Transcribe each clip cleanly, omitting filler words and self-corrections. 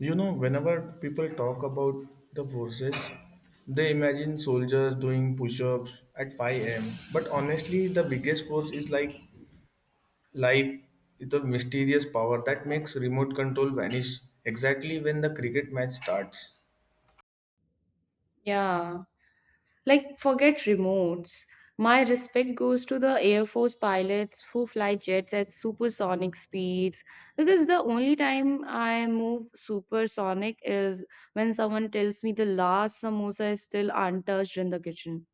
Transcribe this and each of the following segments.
You know, whenever people talk about the forces, they imagine soldiers doing push ups at 5 am. But honestly, the biggest force is like life, it's a mysterious power that makes remote control vanish exactly when the cricket match starts. Yeah, like forget remotes. My respect goes to the Air Force pilots who fly jets at supersonic speeds because the only time I move supersonic is when someone tells me the last samosa is still untouched in the kitchen.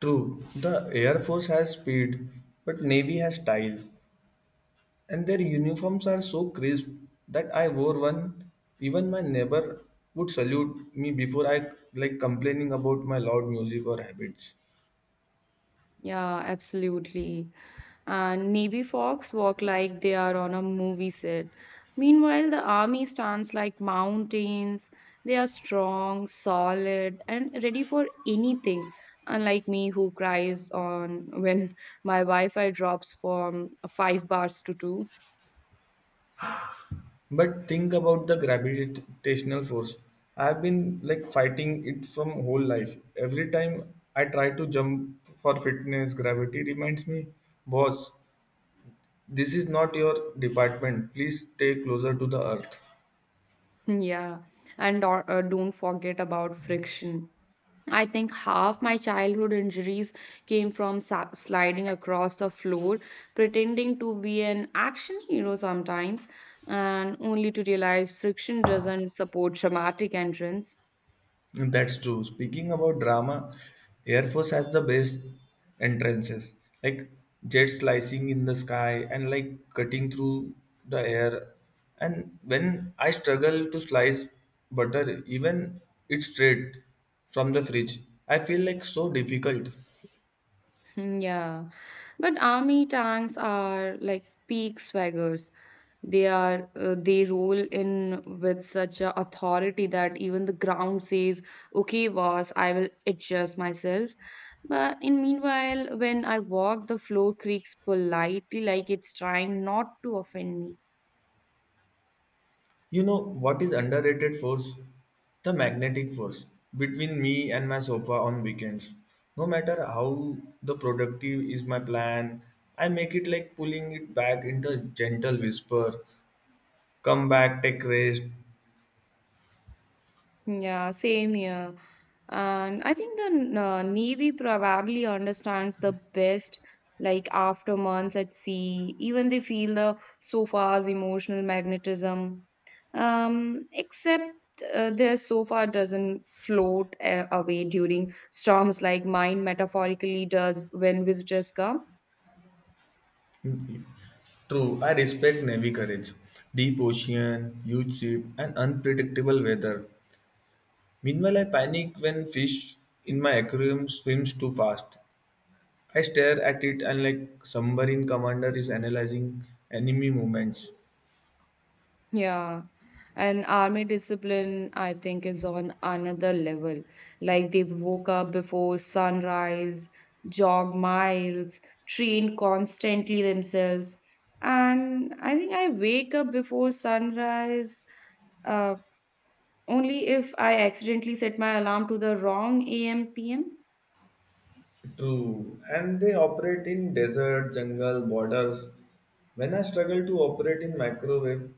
True, the Air Force has speed, but Navy has style, and their uniforms are so crisp that I wore one. Even my neighbor would salute me before I like complaining about my loud music or habits. Yeah, absolutely. And Navy Fox walk like they are on a movie set. Meanwhile, the army stands like mountains. They are strong, solid, and ready for anything. Unlike me, who cries on when my Wi-Fi drops from 5 bars to 2. But think about the gravitational force. I've been like fighting it from whole life. Every time I try to jump for fitness, gravity reminds me, boss, this is not your department. Please stay closer to the earth. Yeah, and don't forget about friction. I think half my childhood injuries came from sliding across the floor, pretending to be an action hero sometimes, and only to realize friction doesn't support dramatic entrance. And that's true. Speaking about drama, Air Force has the best entrances, like jet slicing in the sky and like cutting through the air. And when I struggle to slice butter, even it's straight from the fridge, I feel like so difficult. Hmm, yeah, but army tanks are like peak swaggers. They roll in with such a authority that even the ground says, "Okay, boss, I will adjust myself." But in meanwhile, when I walk, the floor creaks politely, like it's trying not to offend me. You know what is underrated force? The magnetic force between me and my sofa on weekends. No matter how the productive is my plan, I make it like pulling it back into a gentle whisper. Come back, take rest. Yeah, same here. And I think the Navy probably understands the best, like after months at sea, even they feel the SOFA's emotional magnetism. Except their sofa doesn't float away during storms like mine metaphorically does when visitors come. True, I respect Navy courage. Deep ocean, huge ship, and unpredictable weather. Meanwhile, I panic when fish in my aquarium swims too fast. I stare at it and like submarine commander is analyzing enemy movements. Yeah, and army discipline, I think, is on another level. Like they woke up before sunrise, jog miles, train constantly themselves. And I think I wake up before sunrise uh, only if I accidentally set my alarm to the wrong AM PM. True. And they operate in desert, jungle, borders. When I struggle to operate in microwave,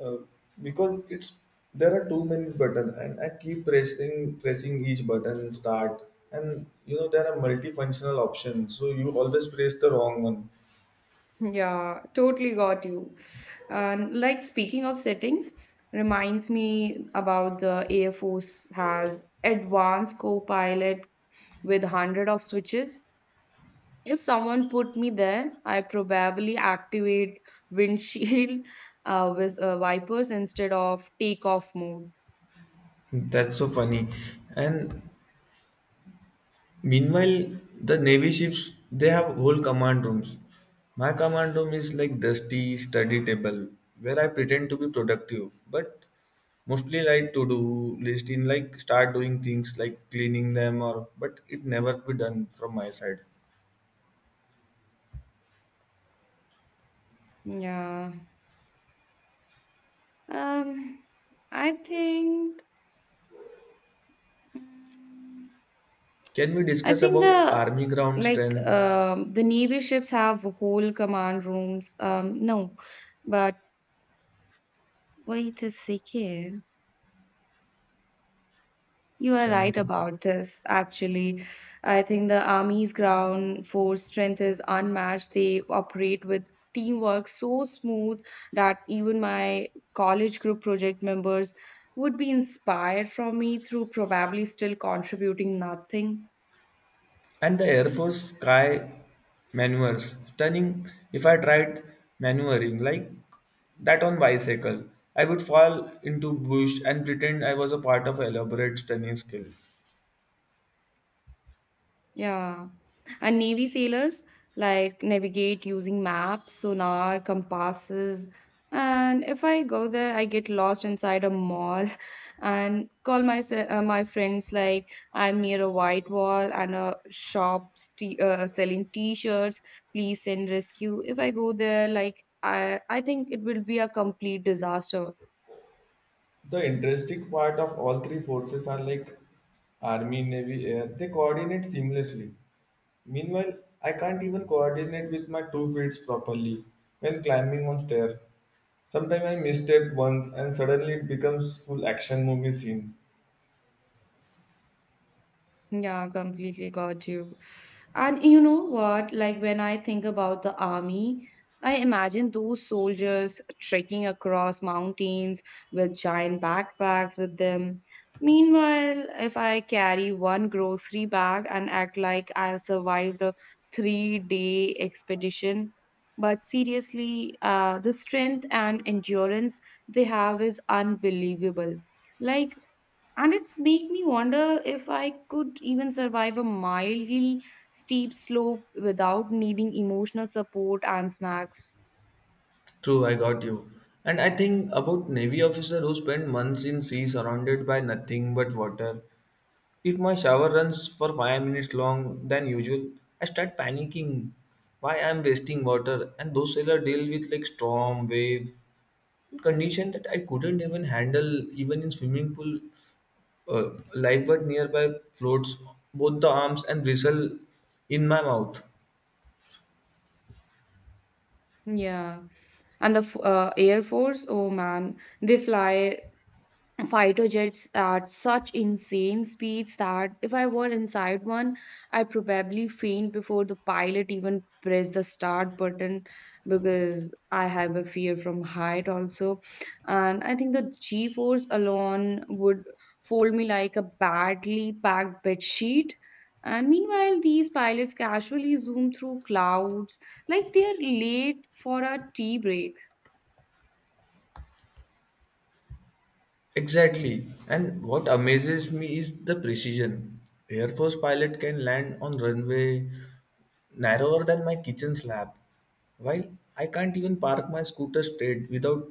uh, because it's there are too many buttons and I keep pressing each button start, and you know there are multifunctional options, so you always press the wrong one. Yeah, totally got you. And like speaking of settings, reminds me about the Air Force has advanced co-pilot with 100 of switches. If someone put me there, I probably activate windshield with wipers instead of takeoff mode. That's so funny. And meanwhile, the Navy ships they have whole command rooms. My command room is like dusty study table where I pretend to be productive, but mostly like to do list in like start doing things like cleaning them or but it never be done from my side. Yeah. Um, I think. Mm, Can we I discuss think about the army ground like strength um, the navy ships have whole command rooms. No, but wait a second. You are right 17? about this, actually. I think the Army's ground force strength is unmatched. They operate with teamwork so smooth that even my college group project members would be inspired from me through probably still contributing nothing. And the Air Force Yes. sky maneuvers. Stunning if I tried maneuvering like that on bicycle. I would fall into bush and pretend I was a part of elaborate stunning skill. Yeah. And Navy sailors like navigate using maps, sonar, compasses. And if I go there, I get lost inside a mall and call my my friends like I'm near a white wall and a shop selling t-shirts. Please send rescue. If I go there, like I think it will be a complete disaster. The interesting part of all three forces are like Army, Navy, Air. They coordinate seamlessly. Meanwhile, I can't even coordinate with my two feet properly when climbing on stair. Sometimes I misstep once and suddenly it becomes full action movie scene. Yeah, completely got you. And you know what? Like when I think about the army, I imagine those soldiers trekking across mountains with giant backpacks with them. Meanwhile, if I carry one grocery bag and act like I have survived a 3-day expedition, but seriously, the strength and endurance they have is unbelievable. Like and it's make me wonder if I could even survive a mildly steep slope without needing emotional support and snacks. True, I got you. And I think about navy officer who spend months in sea surrounded by nothing but water. If my shower runs for 5 minutes long than usual, I start panicking. Why I'm wasting water? And those sailor deal with like storm, waves, condition that I couldn't even handle even in swimming pool. Lifeboat nearby floats both the arms and whistle in my mouth. Yeah, and the air force, oh man, they fly fighter jets at such insane speeds that if I were inside one, I'd probably faint before the pilot even pressed the start button because I have a fear from height also. And I think the G force alone would fold me like a badly packed bed sheet. And meanwhile, these pilots casually zoom through clouds like they're late for a tea break. Exactly. And what amazes me is the precision. Air Force pilot can land on runway narrower than my kitchen slab, while I can't even park my scooter straight without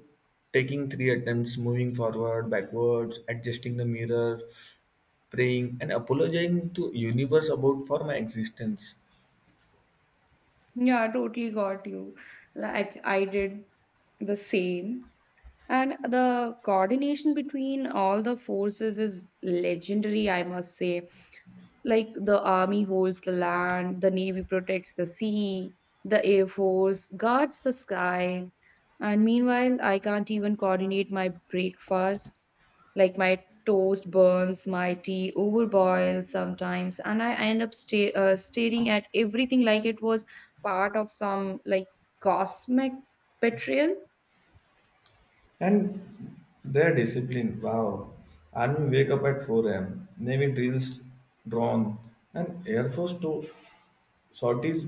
taking three attempts moving forward, backwards, adjusting the mirror, praying, and apologizing to universe about for my existence. Yeah, totally got you. Like I did the same. And the coordination between all the forces is legendary, I must say. Like the army holds the land, the navy protects the sea, the air force guards the sky. And meanwhile, I can't even coordinate my breakfast. Like my toast burns, my tea overboils sometimes, and I end up staring at everything like it was part of some like cosmic betrayal. And their discipline, wow. Army wake up at 4 a.m., Navy drills drawn, and Air Force too Shorties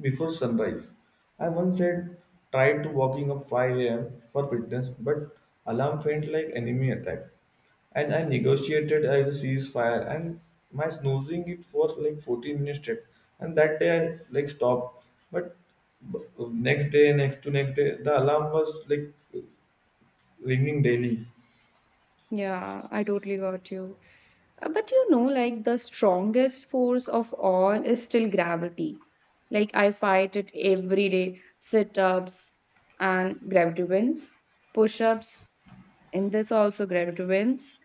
before sunrise. I once had tried to walking up 5 a.m. for fitness, but alarm felt like enemy attack. And I negotiated as a ceasefire and my snoozing it for like 14 minutes straight. And that day I like stopped. But next day, next to next day, the alarm was like ringing daily. Yeah, I totally got you. But you know, like the strongest force of all is still gravity. Like I fight it every day, sit ups and gravity wins, push ups and this also gravity wins.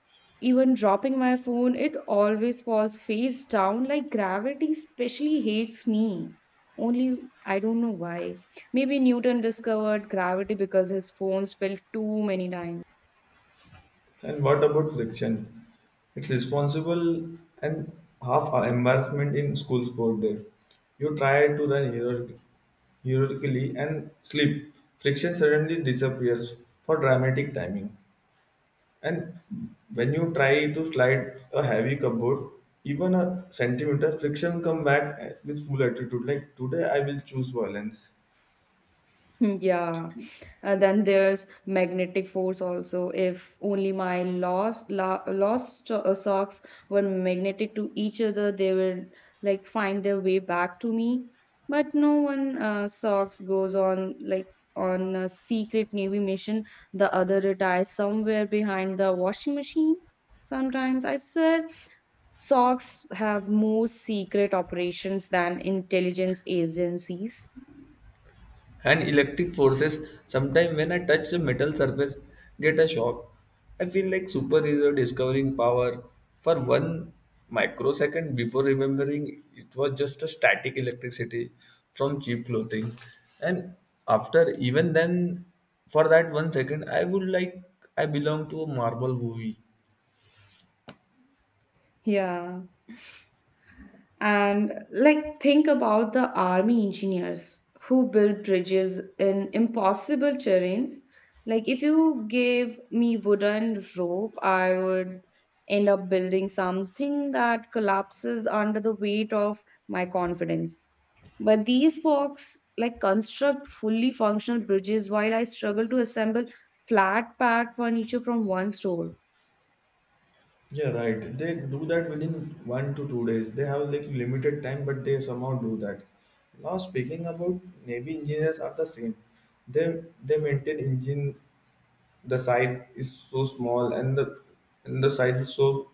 Even dropping my phone, it always falls face down like gravity, especially hates me. Only I don't know why. Maybe Newton discovered gravity because his phone fell too many times. And what about friction? It's responsible and half a embarrassment in school sport day. You try to run heroically and slip. Friction suddenly disappears for dramatic timing. And when you try to slide a heavy cupboard, even a centimeter, friction come back with full attitude. Like today, I will choose violence. Yeah, then there's magnetic force also. If only my lost socks were magnetic to each other, they will like find their way back to me. But no one socks goes on like on a secret navy mission. The other retires somewhere behind the washing machine. Sometimes I swear, socks have more secret operations than intelligence agencies. And electric forces, sometimes when I touch the metal surface, get a shock. I feel like superhero discovering power for one microsecond before remembering it was just a static electricity from cheap clothing, and after even then, for that 1 second, I would like I belong to a marvel movie. Yeah. And like, think about the army engineers who build bridges in impossible terrains. Like, if you gave me wooden rope, I would end up building something that collapses under the weight of my confidence. But these folks like construct fully functional bridges while I struggle to assemble flat pack furniture from one store. Yeah, right. They do that within 1 to 2 days. They have like limited time, but they somehow do that. Now speaking about Navy engineers are the same. They maintain engine, the size is so small and the size is so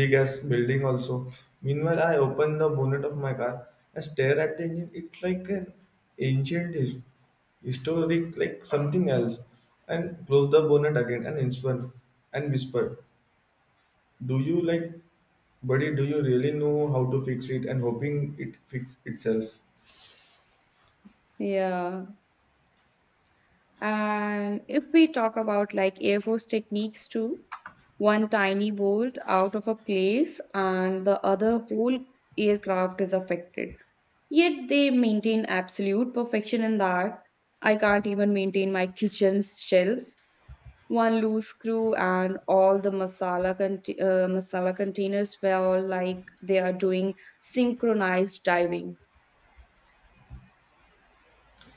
big as building also. Meanwhile, I open the bonnet of my car, I stare at the engine. It's like an ancient historic like something else. And close the bonnet again and instrument and whisper. Do you like, buddy, do you really know how to fix it, and hoping it fix itself? Yeah. And if we talk about like Air Force techniques too, one tiny bolt out of a place and the other whole aircraft is affected. Yet they maintain absolute perfection in that. I can't even maintain my kitchen's shelves. One loose screw and all the masala containers were all like they are doing synchronized diving.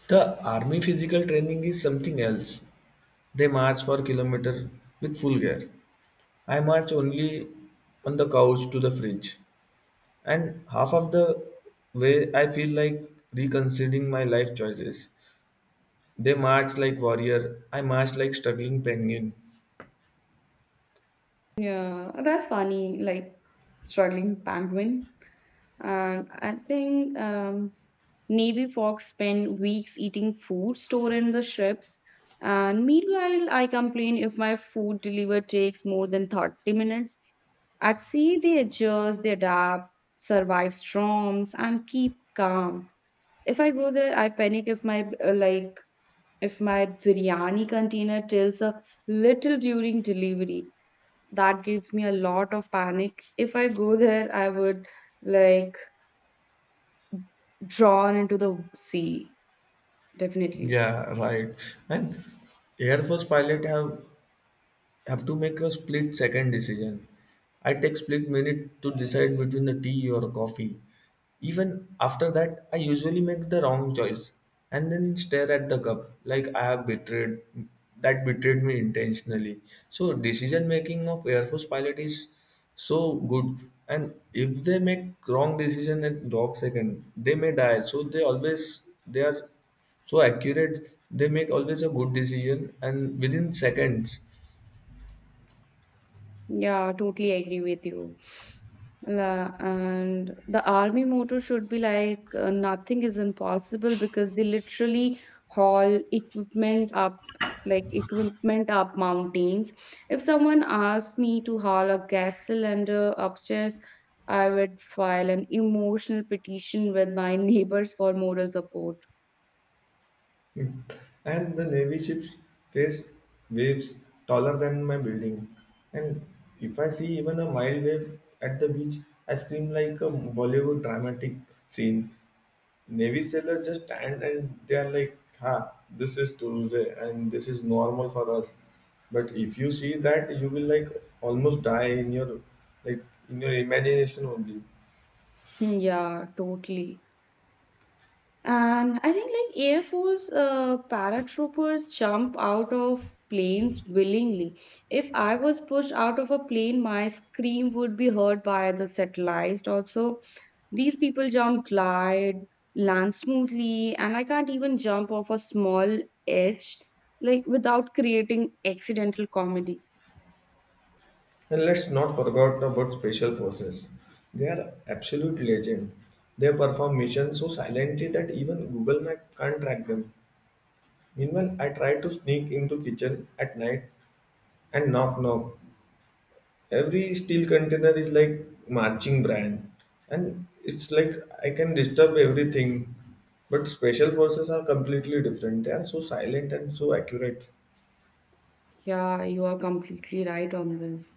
The army physical training is something else. They march for kilometer with full gear. I march only on the couch to the fridge, and half of the way I feel like reconsidering my life choices. They march like warrior. I march like struggling penguin. Yeah, that's funny. Like struggling penguin. I think Navy Fox spend weeks eating food stored in the ships. And meanwhile, I complain if my food delivery takes more than 30 minutes. At sea, they adjust, they adapt, survive storms, and keep calm. If I go there, I panic if my like if my biryani container tilts a little during delivery. That gives me a lot of panic. If I go there, I would like drawn into the sea definitely. Yeah, right. And Air Force pilot have to make a split second decision. I take split minute to decide between the tea or coffee. Even after that, I usually make the wrong choice and then stare at the cup like I have betrayed that betrayed me intentionally. So decision making of Air Force pilot is so good. And if they make wrong decision at dog second, they may die. So they always they are so accurate they make always a good decision and within seconds. Yeah, totally agree with you. And the army motto should be like nothing is impossible because they literally haul equipment up like equipment up mountains. If someone asked me to haul a gas cylinder upstairs, I would file an emotional petition with my neighbors for moral support. And the Navy ships face waves taller than my building. And if I see even a mild wave at the beach, I scream like a Bollywood dramatic scene. Navy sailors just stand and they are like, ha, this is Tuesday and this is normal for us. But if you see that, you will like almost die in your like in your imagination only. Hmm, yeah, totally. And I think like Air Force paratroopers jump out of planes willingly. If I was pushed out of a plane, my scream would be heard by the satellites. Also, these people jump glide, land smoothly, and I can't even jump off a small edge like without creating accidental comedy. And let's not forget about special forces. They are absolute legend. They perform missions so silently that even Google Map can't track them. Meanwhile, I tried to sneak into kitchen at night and knock knock. Every steel container is like marching brand, and it's like I can disturb everything. But special forces are completely different. They are so silent and so accurate. Yeah, you are completely right on this.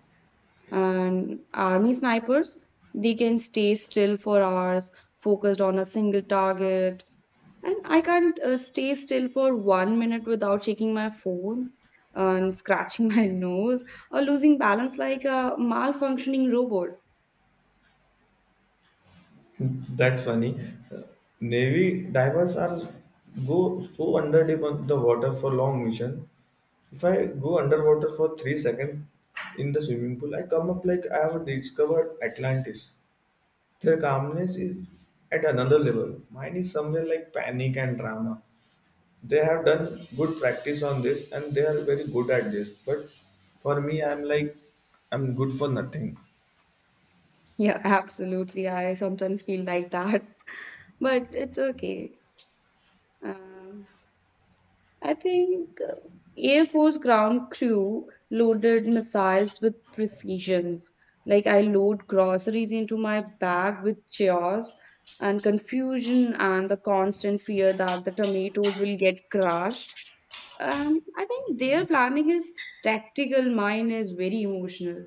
And army snipers, they can stay still for hours, focused on a single target. And I can't stay still for 1 minute without checking my phone and scratching my nose or losing balance like a malfunctioning robot. That's funny. Navy divers are go so under deep on the water for long mission. If I go underwater for 3 seconds in the swimming pool, I come up like I have discovered Atlantis. Their calmness is at another level. Mine is somewhere like panic and drama. They have done good practice on this and they are very good at this. But for me, I'm like I'm good for nothing. Yeah, absolutely. I sometimes feel like that, but it's okay. Um I think Air Force ground crew loaded missiles with precisions. Like I load groceries into my bag with chaos and confusion and the constant fear that the tomatoes will get crushed. I think their planning is tactical, mine is very emotional.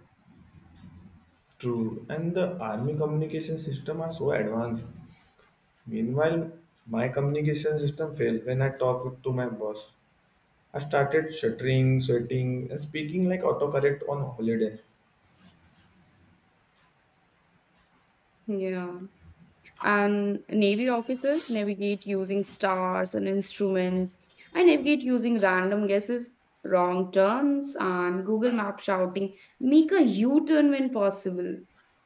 True. And the army communication system are so advanced. Meanwhile, my communication system failed when I talked to my boss. I started stuttering, sweating, and speaking like autocorrect on holiday. Yeah. And navy officers navigate using stars and instruments. I navigate using random guesses, wrong turns, and Google Map shouting, make a U turn when possible,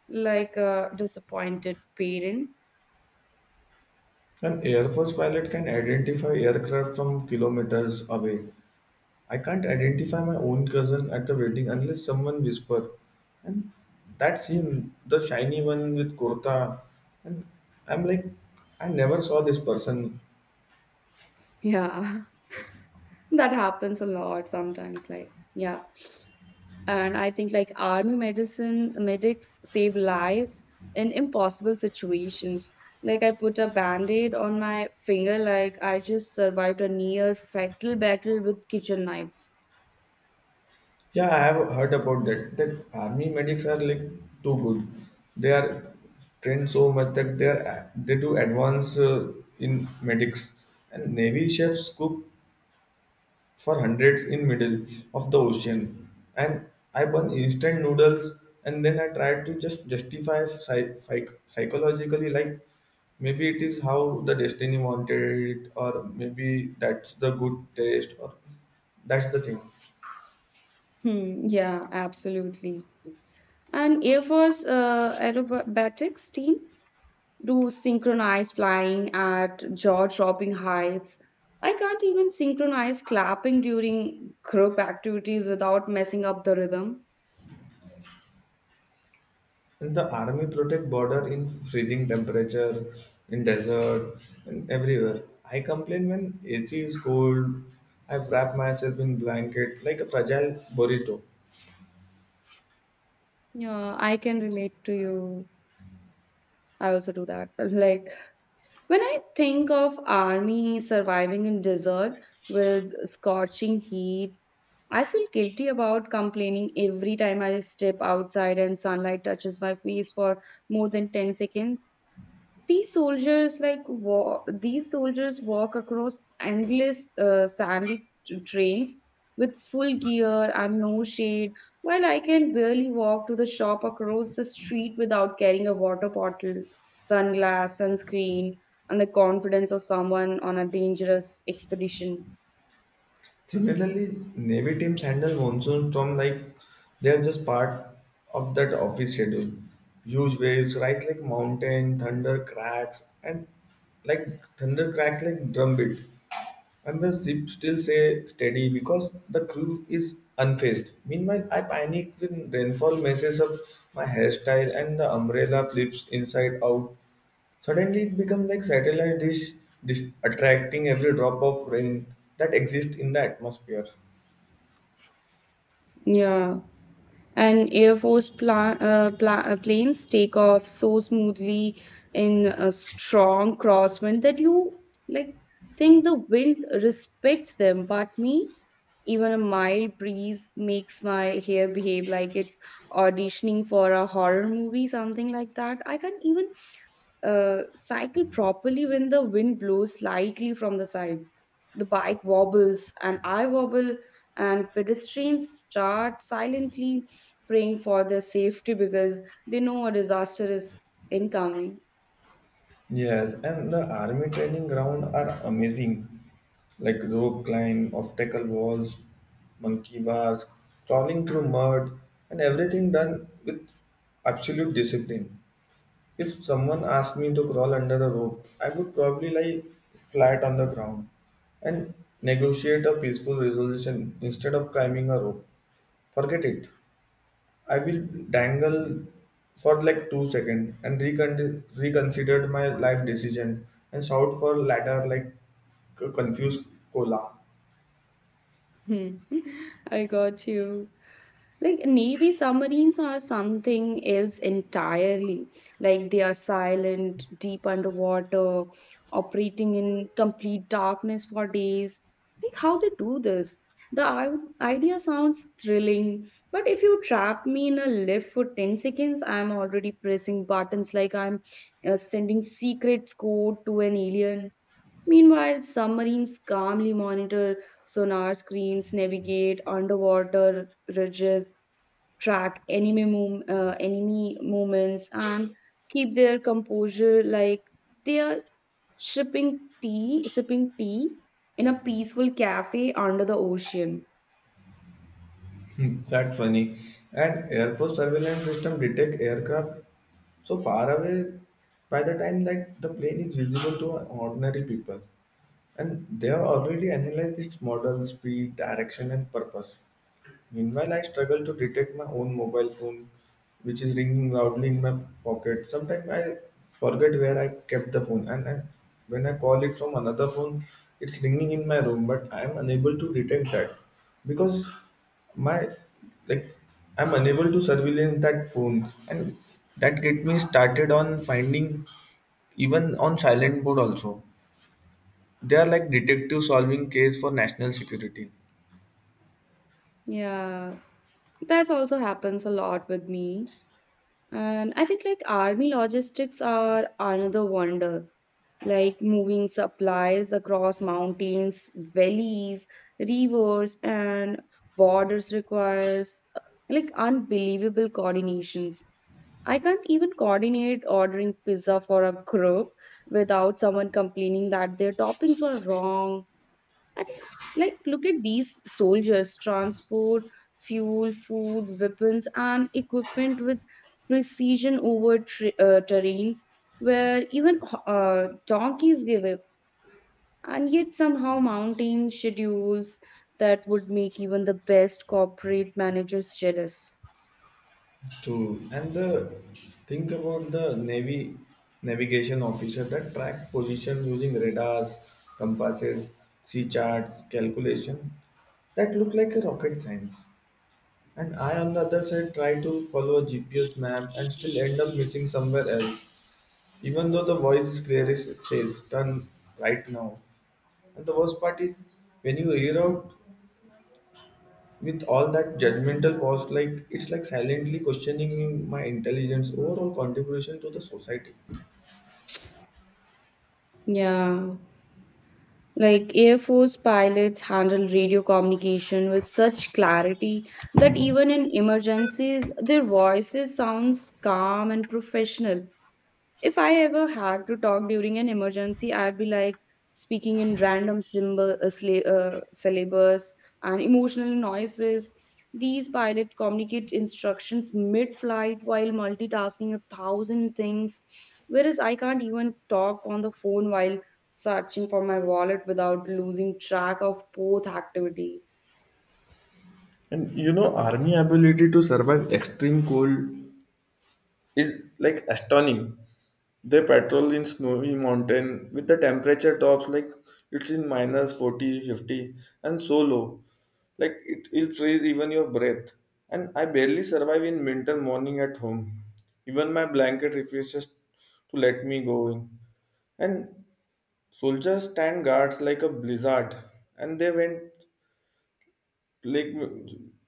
like a disappointed parent. An Air Force pilot can identify aircraft from kilometers away. I can't identify my own cousin at the wedding unless someone whisper. And that's him, the shiny one with kurta. And I'm like, I never saw this person. Yeah, that happens a lot sometimes. Like, yeah. And I think like army medicine medics save lives in impossible situations. Like I put a band-aid on my finger, like I just survived a near fatal battle with kitchen knives. Yeah, I have heard about that. That army medics are like too good. They are trained so much that they are they do advance in medics. And navy chefs cook for hundreds in middle of the ocean. And I burn instant noodles, and then I try to just justify psychologically like maybe it is how the destiny wanted it, or maybe that's the good taste, or that's the thing. Hmm, yeah, absolutely. And Air Force aerobatics team do synchronized flying at jaw-dropping heights. I can't even synchronize clapping during group activities without messing up the rhythm. And the army protect border in freezing temperature, in desert, and everywhere. I complain when AC is cold. I wrap myself in blanket like a fragile burrito. Yeah, I can relate to you. I also do that. Like when I think of army surviving in desert with scorching heat, I feel guilty about complaining every time I step outside and sunlight touches my face for more than 10 seconds. These soldiers like these soldiers walk across endless sandy trails with full gear and no shade while I can barely walk to the shop across the street without carrying a water bottle, sunglass, sunscreen, and the confidence of someone on a dangerous expedition. Similarly, Navy teams handle monsoon storm like they are just part of that office schedule. Huge waves rise like mountain, thunder cracks, and like thunder cracks like drumbeat. And the ship still say steady because the crew is unfazed. Meanwhile, I panic when rainfall messes up my hairstyle and the umbrella flips inside out. Suddenly, it becomes like satellite dish attracting every drop of rain that exists in the atmosphere. Yeah, and Air Force planes take off so smoothly in a strong crosswind that you like think the wind respects them, but me, even a mild breeze makes my hair behave like it's auditioning for a horror movie, something like that. I can't even cycle properly when the wind blows slightly from the side. The bike wobbles and I wobble, and pedestrians start silently praying for their safety because they know a disaster is incoming. Yes, and the army training ground are amazing, like rope climb, obstacle walls, monkey bars, crawling through mud, and everything done with absolute discipline. If someone asked me to crawl under a rope, I would probably lie flat on the ground and negotiate a peaceful resolution instead of climbing a rope. Forget it. I will dangle for like 2 seconds and reconsider my life decision and shout for ladder like confused cola. Hmm. I got you. Like Navy submarines are something else entirely. Like they are silent, deep underwater, operating in complete darkness for days. Like how they do this? The idea sounds thrilling, but if you trap me in a lift for 10 seconds, I'm already pressing buttons like I'm sending secrets code to an alien. Meanwhile, submarines calmly monitor sonar screens, navigate underwater ridges, track enemy movements, and keep their composure like they are sipping tea in a peaceful cafe under the ocean. Hmm, that's funny. And Air Force surveillance system detect aircraft so far away by the time that the plane is visible to ordinary people. And they have already analyzed its model, speed, direction, and purpose. Meanwhile, I struggle to detect my own mobile phone, which is ringing loudly in my pocket. Sometimes I forget where I kept the phone, and I, when I call it from another phone, it's ringing in my room, but I am unable to detect that because my like I'm unable to surveillance that phone, and that get me started on finding even on silent mode also. They are like detective solving case for national security. Yeah, that also happens a lot with me. And I think like army logistics are another wonder, like moving supplies across mountains, valleys, rivers, and borders requires like unbelievable coordinations. I can't even coordinate ordering pizza for a group without someone complaining that their toppings were wrong and like, look at these soldiers transport fuel, food, weapons, and equipment with precision over terrains where even donkeys give up. And yet, somehow, mountain schedules that would make even the best corporate managers jealous. True. And the think about the navy navigation officer that track position using radars, compasses, sea charts, calculation that look like a rocket science. And I on the other side try to follow a GPS map and still end up missing somewhere else. Even though the voice is clear, it says turn right now. And the worst part is when you hear out with all that judgmental pause, like it's like silently questioning my intelligence, overall contribution to the society. Yeah. Like Air Force pilots handle radio communication with such clarity that even in emergencies, their voices sounds calm and professional. If I ever had to talk during an emergency, I'd be like speaking in random syllables and emotional noises. These pilots communicate instructions mid flight while multitasking 1,000 things, whereas I can't even talk on the phone while searching for my wallet without losing track of both activities. And you know, army ability to survive extreme cold is like astonishing. They patrol in snowy mountain with the temperature tops like it's in minus 40, 50, and so low. Like it'll freeze even your breath. And I barely survive in winter morning at home. Even my blanket refuses to let me go in. And soldiers stand guards like a blizzard, and they went like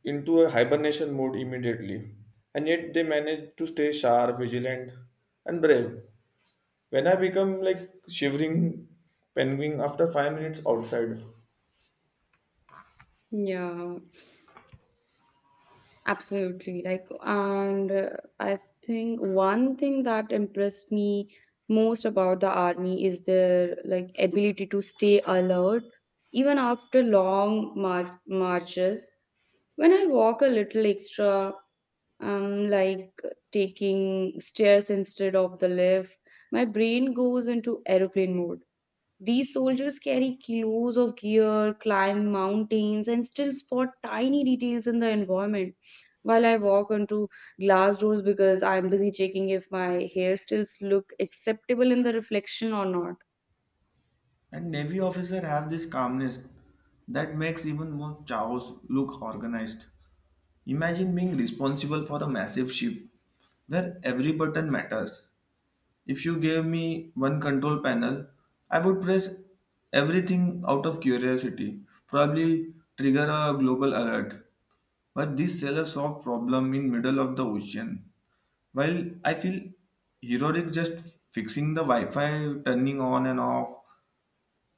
into a hibernation mode immediately. And yet they managed to stay sharp, vigilant, and brave. When I become like shivering penguin after 5 minutes outside. Yeah. Absolutely. Like, and I think one thing that impressed me most about the army is their like ability to stay alert even after long marches. When I walk a little extra, um, like taking stairs instead of the lift, my brain goes into aeroplane mode. These soldiers carry kilos of gear, climb mountains, and still spot tiny details in the environment. While I walk onto glass doors because I'm busy checking if my hairstyles look acceptable in the reflection or not. And Navy officers have this calmness that makes even more chows look organized. Imagine being responsible for a massive ship where every button matters. If you gave me one control panel, I would press everything out of curiosity, probably trigger a global alert. But this seller solved problem in middle of the ocean. While I feel heroic just fixing the Wi-Fi, turning on and off,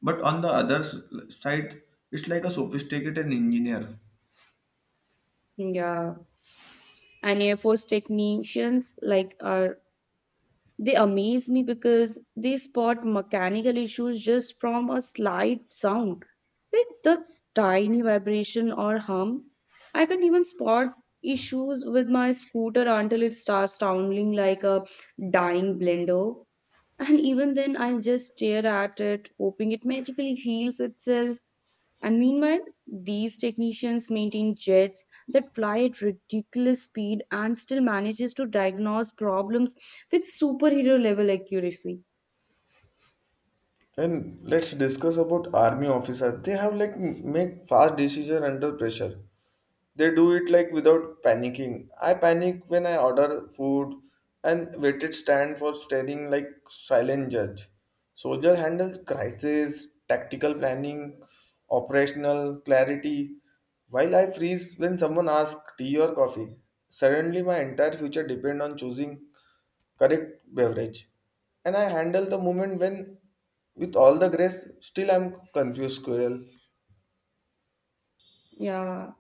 but on the other side, it's like a sophisticated engineer. Yeah. And Air Force technicians like are They amaze me because they spot mechanical issues just from a slight sound, like the tiny vibration or hum. I can even spot issues with my scooter until it starts sounding like a dying blender. And even then, I just stare at it, hoping it magically heals itself. And meanwhile, these technicians maintain jets that fly at ridiculous speed and still manages to diagnose problems with superhero level accuracy. And let's discuss about army officer. They have like make fast decision under pressure. They do it like without panicking. I panic when I order food and waited stand for staring like silent judge. Soldier handles crisis tactical planning, operational clarity, while I freeze when someone asks tea or coffee. Suddenly my entire future depend on choosing correct beverage, and I handle the moment when with all the grace still I'm confused squirrel. Yeah.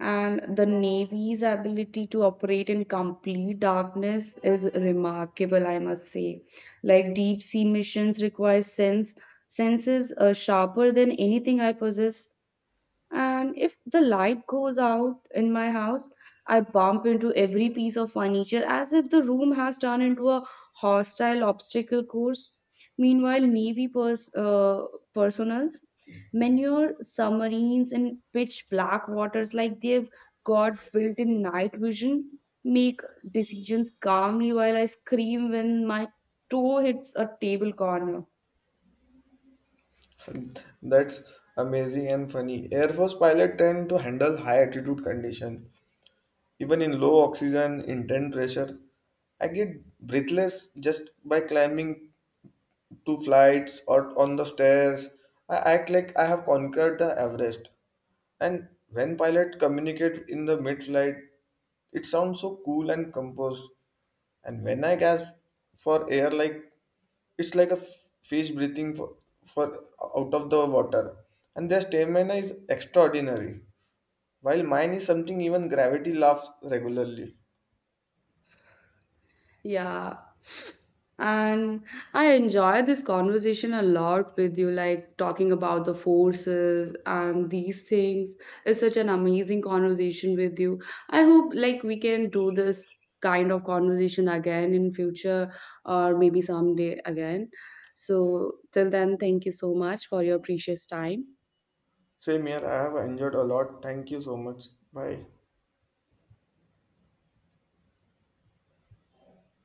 And the Navy's ability to operate in complete darkness is remarkable, I must say. Like deep sea missions require senses sharper than anything I possess. And if the light goes out in my house, I bump into every piece of furniture as if the room has turned into a hostile obstacle course. Meanwhile, Navy personals manure submarines in pitch black waters like they've got built in night vision, make decisions calmly while I scream when my toe hits a table corner. That's amazing and funny. Air Force pilot tend to handle high altitude condition, even in low oxygen, intense pressure. I get breathless just by climbing two flights or on the stairs. I act like I have conquered the Everest. And when pilot communicate in the mid-flight, it sounds so cool and composed. And when I gasp for air, like it's like a fish breathing for out of the water. And their stamina is extraordinary. While mine is something even gravity laughs regularly. Yeah. And I enjoy this conversation a lot with you, like talking about the forces and these things. It's such an amazing conversation with you. I hope like we can do this kind of conversation again in future or maybe someday again. So till then, thank you so much for your precious time. Same here, I have enjoyed a lot. Thank you so much. Bye.